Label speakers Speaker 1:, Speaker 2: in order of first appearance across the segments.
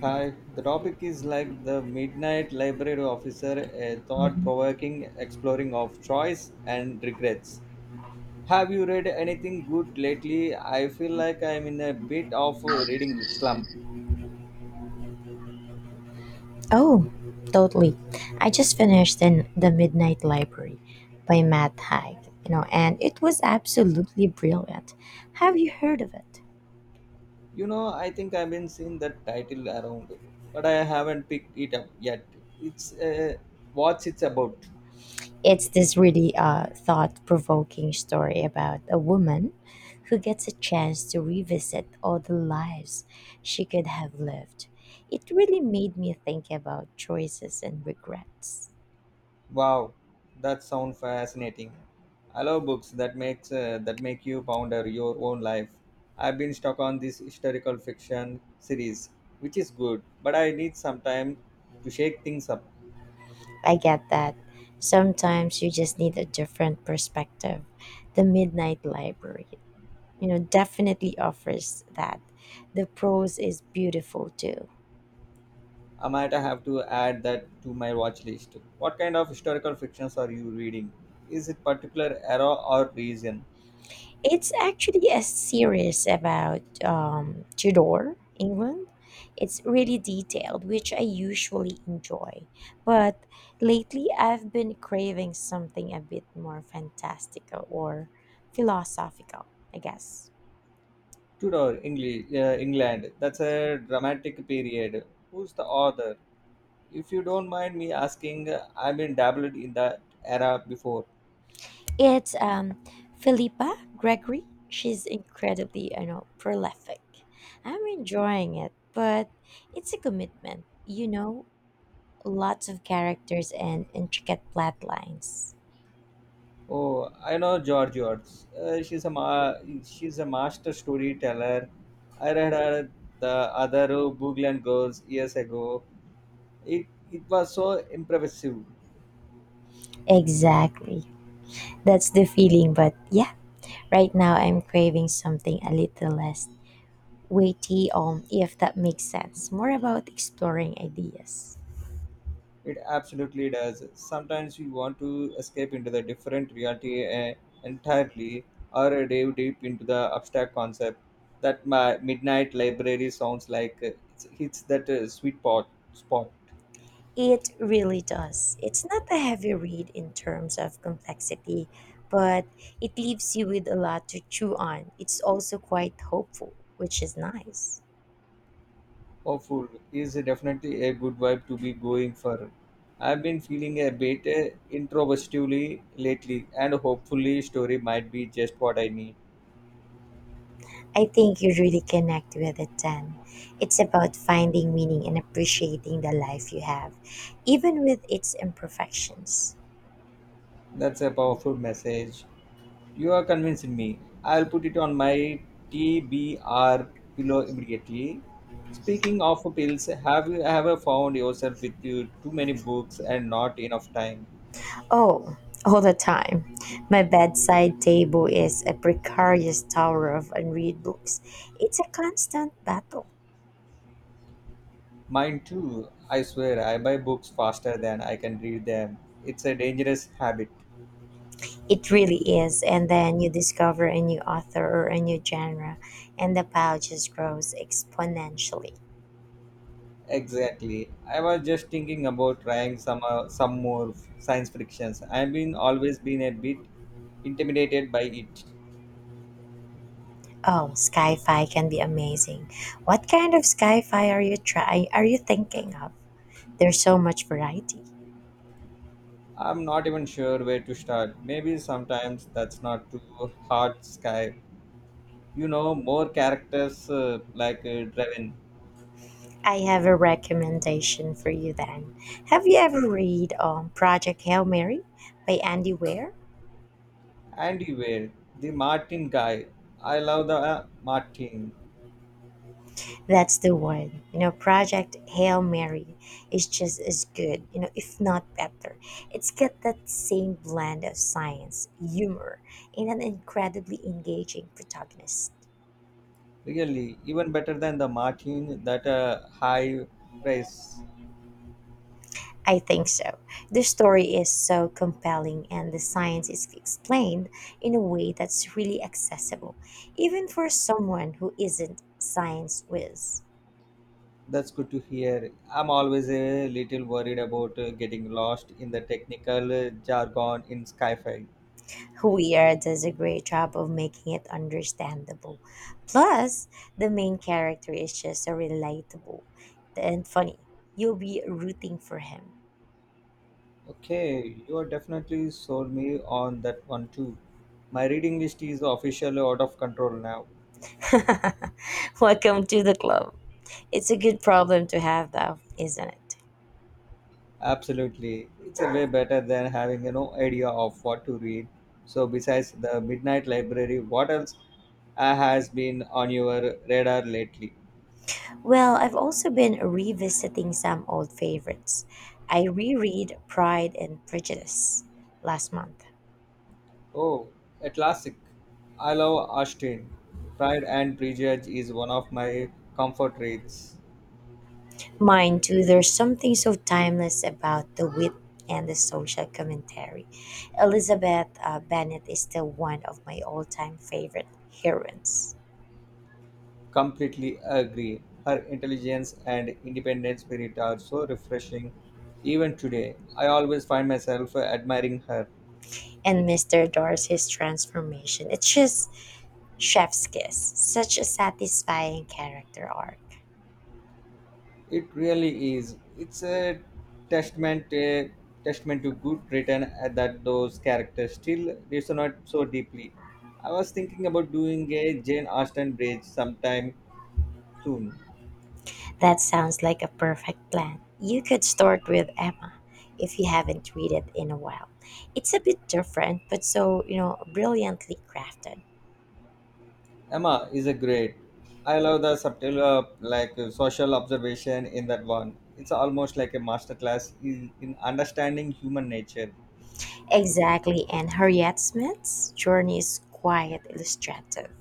Speaker 1: Hi, the topic is like the Midnight Library Officer, a thought provoking exploring of choice and regrets. Have you read anything good lately? I feel like I'm in a bit of a reading slump.
Speaker 2: Oh, totally. I just finished in The Midnight Library by Matt Haig, and it was absolutely brilliant. Have you heard of it?
Speaker 1: You know, I think I've been seeing that title around, but I haven't picked it up yet. It's what's it's about.
Speaker 2: It's this really thought provoking story about a woman who gets a chance to revisit all the lives she could have lived. It really made me think about choices and regrets.
Speaker 1: Wow, that sounds fascinating. I love books that makes that make you ponder your own life. I've been stuck on this historical fiction series, which is good, but I need some time to shake things up.
Speaker 2: I get that. Sometimes you just need a different perspective. The Midnight Library, definitely offers that. The prose is beautiful too.
Speaker 1: I might have to add that to my watch list. What kind of historical fictions are you reading? Is it particular era or region?
Speaker 2: It's actually a series about Tudor England. It's really detailed, which I usually enjoy. But lately, I've been craving something a bit more fantastical or philosophical, I guess.
Speaker 1: England. That's a dramatic period. Who's the author? If you don't mind me asking, I've been dabbled in that era before.
Speaker 2: It's Philippa Gregory. She's incredibly, prolific. I'm enjoying it, but it's a commitment. Lots of characters and intricate plot lines.
Speaker 1: Oh, I know George. Uh, she's a ma- she's a master storyteller. I read her the other Booglian Girls years ago. It was so impressive.
Speaker 2: Exactly. That's the feeling. But yeah, right now I'm craving something a little less weighty, if that makes sense. More about exploring ideas.
Speaker 1: It absolutely does. Sometimes you want to escape into the different reality entirely, or dive deep into the abstract concept. That my midnight library sounds like it's that sweet pot spot.
Speaker 2: It really does. It's not a heavy read in terms of complexity, but it leaves you with a lot to chew on. It's also quite hopeful, which is nice.
Speaker 1: Oh, food is definitely a good vibe to be going for. I've been feeling a bit introspectively lately, and hopefully, story might be just what I need.
Speaker 2: I think you really connect with it then. It's about finding meaning and appreciating the life you have, even with its imperfections.
Speaker 1: That's a powerful message. You are convincing me. I'll put it on my TBR pillow immediately. Speaking of pills, have you ever found yourself with you too many books and not enough time?
Speaker 2: Oh, all the time. My bedside table is a precarious tower of unread books. It's a constant battle.
Speaker 1: Mine too. I swear, I buy books faster than I can read them. It's a dangerous habit.
Speaker 2: It really is. And then you discover a new author or a new genre, and the pile just grows exponentially.
Speaker 1: Exactly. I was just thinking about trying some more f- science frictions. I've been always been a bit intimidated by it.
Speaker 2: Oh, sci-fi can be amazing. What kind of sci-fi are you thinking of? There's so much variety.
Speaker 1: I'm not even sure where to start. Maybe sometimes that's not too hard, Sky. You know, more characters like Draven,
Speaker 2: I have a recommendation for you then. Have you ever read Project Hail Mary by Andy Weir?
Speaker 1: Andy Wade, the Martin guy. I love the Martin.
Speaker 2: That's the one. Project Hail Mary is just as good, if not better. It's got that same blend of science, humor, and an incredibly engaging protagonist.
Speaker 1: Really, even better than the Martin that high price.
Speaker 2: I think so. The story is so compelling and the science is explained in a way that's really accessible, even for someone who isn't science whiz.
Speaker 1: That's good to hear. I'm always a little worried about getting lost in the technical jargon in Skyfi.
Speaker 2: Huir does a great job of making it understandable. Plus, the main character is just so relatable and funny. You'll be rooting for him.
Speaker 1: Okay, you are definitely sold me on that one too. My reading list is officially out of control now.
Speaker 2: Welcome to the club. It's a good problem to have, though, isn't it?
Speaker 1: Absolutely. It's a way better than having no idea of what to read. So besides the Midnight Library, what else has been on your radar lately?
Speaker 2: Well, I've also been revisiting some old favorites. I reread Pride and Prejudice last month.
Speaker 1: Oh, a classic. I love Austen. Pride and Prejudice is one of my comfort reads.
Speaker 2: Mine too. There's something so timeless about the wit and the social commentary. Elizabeth Bennet is still one of my all-time favorite heroines.
Speaker 1: Completely agree. Her intelligence and independent spirit are so refreshing. Even today, I always find myself admiring her.
Speaker 2: And Mr. Darcy's transformation. It's just chef's kiss. Such a satisfying character arc.
Speaker 1: It really is. It's a testament, a testament to good written that those characters still resonate so deeply. I was thinking about doing a Jane Austen bridge sometime soon.
Speaker 2: That sounds like a perfect plan. You could start with Emma if you haven't read it in a while. It's a bit different, but so, brilliantly crafted.
Speaker 1: Emma is a great. I love the subtle social observation in that one. It's almost like a masterclass in understanding human nature.
Speaker 2: Exactly, and Harriet Smith's journey is quite illustrative.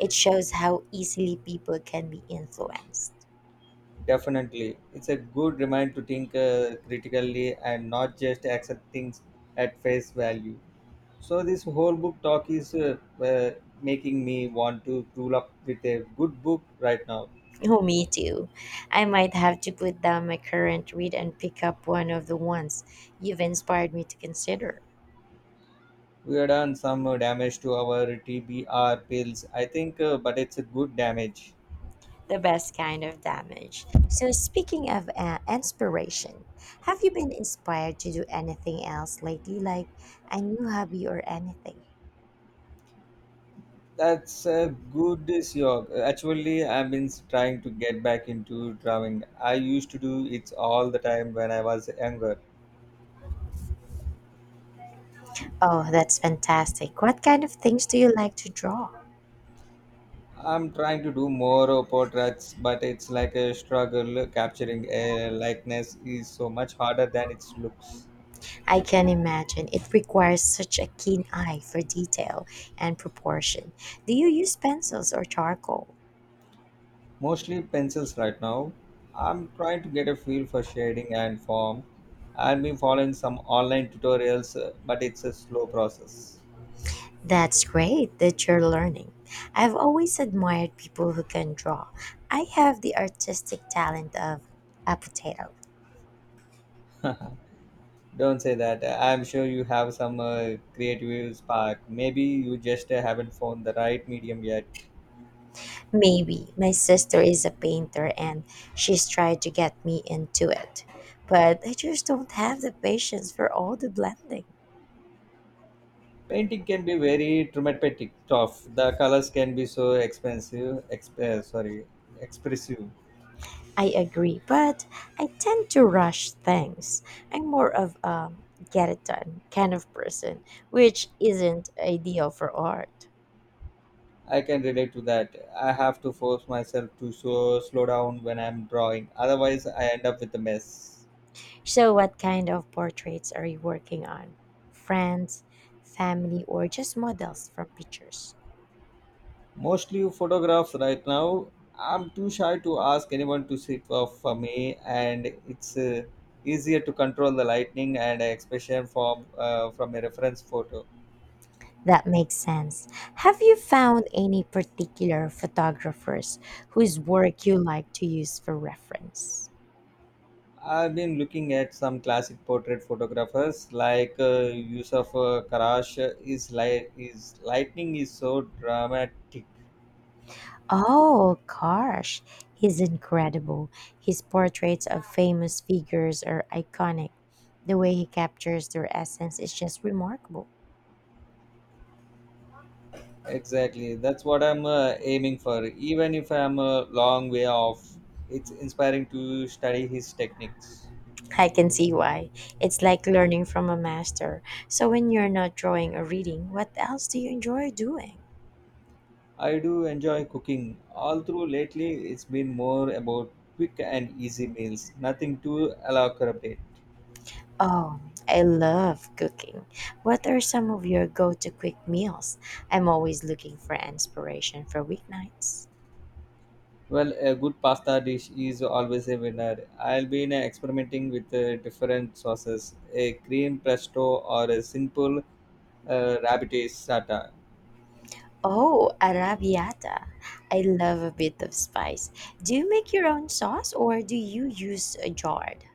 Speaker 2: It shows how easily people can be influenced.
Speaker 1: Definitely, it's a good reminder to think critically and not just accept things at face value. So this whole book talk is uh, making me want to pull up with a good book right now.
Speaker 2: Oh, me too. I might have to put down my current read and pick up one of the ones you've inspired me to consider.
Speaker 1: We have done some damage to our TBR pills, I think, but it's a good damage.
Speaker 2: The best kind of damage. So, speaking of inspiration, have you been inspired to do anything else lately, like a new hobby or anything?
Speaker 1: That's a good job. Actually, I've been trying to get back into drawing. I used to do it all the time when I was younger.
Speaker 2: Oh, that's fantastic. What kind of things do you like to draw?
Speaker 1: I'm trying to do more portraits, but it's like a struggle. Capturing a likeness is so much harder than it looks.
Speaker 2: I can imagine. It requires such a keen eye for detail and proportion. Do you use pencils or charcoal?
Speaker 1: Mostly pencils right now. I'm trying to get a feel for shading and form. I've been following some online tutorials, but it's a slow process.
Speaker 2: That's great that you're learning. I've always admired people who can draw. I have the artistic talent of a potato.
Speaker 1: Don't say that. I'm sure you have some creative spark. Maybe you just haven't found the right medium yet.
Speaker 2: Maybe my sister is a painter and she's tried to get me into it, but I just don't have the patience for all the blending.
Speaker 1: Painting can be very traumatic, tough. The colors can be so expressive.
Speaker 2: I agree, but I tend to rush things. I'm more of a get it done kind of person, which isn't ideal for art.
Speaker 1: I can relate to that. I have to force myself to so slow down when I'm drawing. Otherwise, I end up with a mess.
Speaker 2: So, what kind of portraits are you working on? Friends, family, or just models from pictures?
Speaker 1: Mostly photographs right now. I'm too shy to ask anyone to sit for me, and it's easier to control the lightning and expression from a reference photo.
Speaker 2: That makes sense. Have you found any particular photographers whose work you like to use for reference?
Speaker 1: I've been looking at some classic portrait photographers like Yusuf Karash. Is light is lightning is so dramatic.
Speaker 2: Oh gosh, he's incredible. His portraits of famous figures are iconic. The way he captures their essence is just remarkable.
Speaker 1: Exactly, that's what I'm aiming for. Even if I'm a long way off, it's inspiring to study his techniques.
Speaker 2: I can see why. It's like learning from a master. So when you're not drawing or reading, what else do you enjoy doing?
Speaker 1: I do enjoy cooking, although lately it's been more about quick and easy meals, nothing too elaborate.
Speaker 2: Oh, I love cooking. What are some of your go-to quick meals? I'm always looking for inspiration for weeknights.
Speaker 1: Well, a good pasta dish is always a winner. Experimenting with different sauces, a cream presto or a simple rabbit sata.
Speaker 2: Oh, arrabbiata. I love a bit of spice. Do you make your own sauce or do you use a jarred?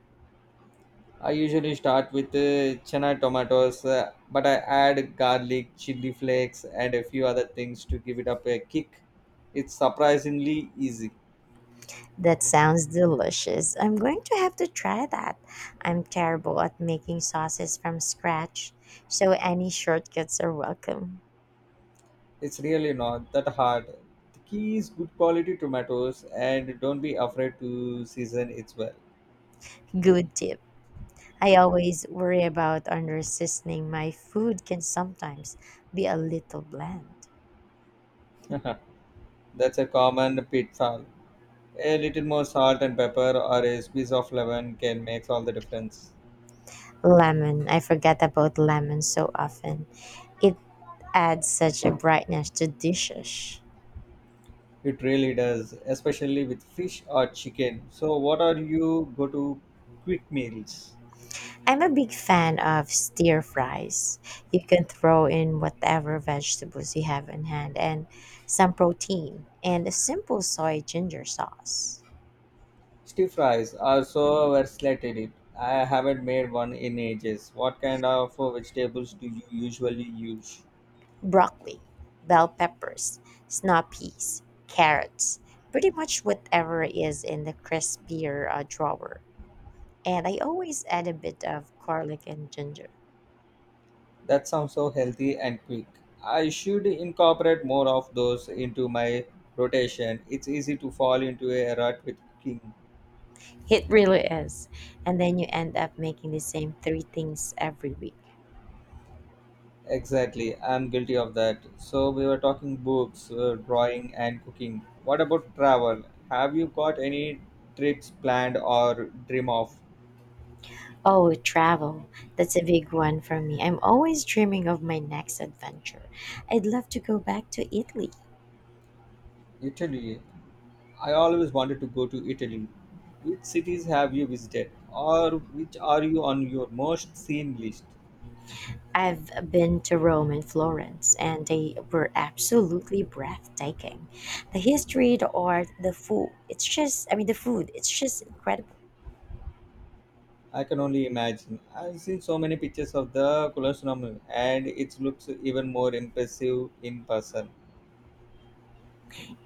Speaker 1: I usually start with chana tomatoes, but I add garlic, chili flakes, and a few other things to give it up a kick. It's surprisingly easy.
Speaker 2: That sounds delicious. I'm going to have to try that. I'm terrible at making sauces from scratch, so any shortcuts are welcome.
Speaker 1: It's really not that hard. The key is good quality tomatoes and don't be afraid to season it well.
Speaker 2: Good tip. I always worry about under seasoning. My food can sometimes be a little bland.
Speaker 1: That's a common pitfall. A little more salt and pepper or a squeeze of lemon can make all the difference.
Speaker 2: Lemon. I forget about lemon so often. It adds such a brightness to dishes.
Speaker 1: It really does, especially with fish or chicken. So, what are you go to quick meals?
Speaker 2: I'm a big fan of stir fries. You can throw in whatever vegetables you have in hand and some protein and a simple soy ginger sauce,
Speaker 1: Stir fries are so versatile. I haven't made one in ages. What kind of vegetables do you usually use?
Speaker 2: broccoli, bell peppers, snap peas, carrots, pretty much whatever is in the crispier drawer. And I always add a bit of garlic and ginger.
Speaker 1: That sounds so healthy and quick. I should incorporate more of those into my rotation. It's easy to fall into a rut with cooking.
Speaker 2: It really is. And then you end up making the same three things every week.
Speaker 1: Exactly, I'm guilty of that. So, we were talking books, drawing, and cooking. What about travel? Have you got any trips planned or dream of?
Speaker 2: Oh, travel. That's a big one for me. I'm always dreaming of my next adventure. I'd love to go back to Italy.
Speaker 1: Italy. I always wanted to go to Italy. Which cities have you visited, or which are you on your most seen list?
Speaker 2: I've been to Rome and Florence, and they were absolutely breathtaking. The history, the art, the food. It's just, I mean, the food, it's just incredible.
Speaker 1: I can only imagine. I've seen so many pictures of the Colosseum and it looks even more impressive in person.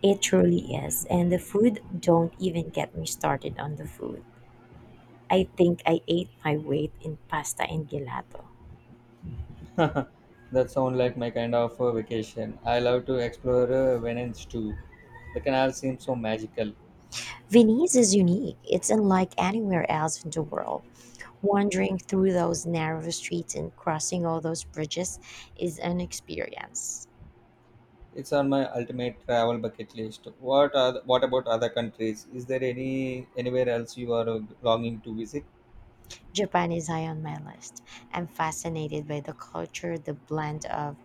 Speaker 2: It truly is. And the food, don't even get me started on the food. I think I ate my weight in pasta and gelato.
Speaker 1: That sounds like my kind of vacation. I love to explore Venice too. The canal seems so magical.
Speaker 2: Venice is unique. It's unlike anywhere else in the world. Wandering through those narrow streets and crossing all those bridges is an experience.
Speaker 1: It's on my ultimate travel bucket list. What are what about other countries? Is there any anywhere else you are longing to visit?
Speaker 2: Japan is high on my list. I'm fascinated by the culture, the blend of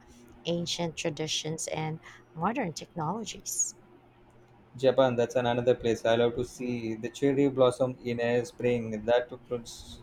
Speaker 2: ancient traditions and modern technologies.
Speaker 1: Japan, that's an another place I love to see. The cherry blossom in a spring. That looks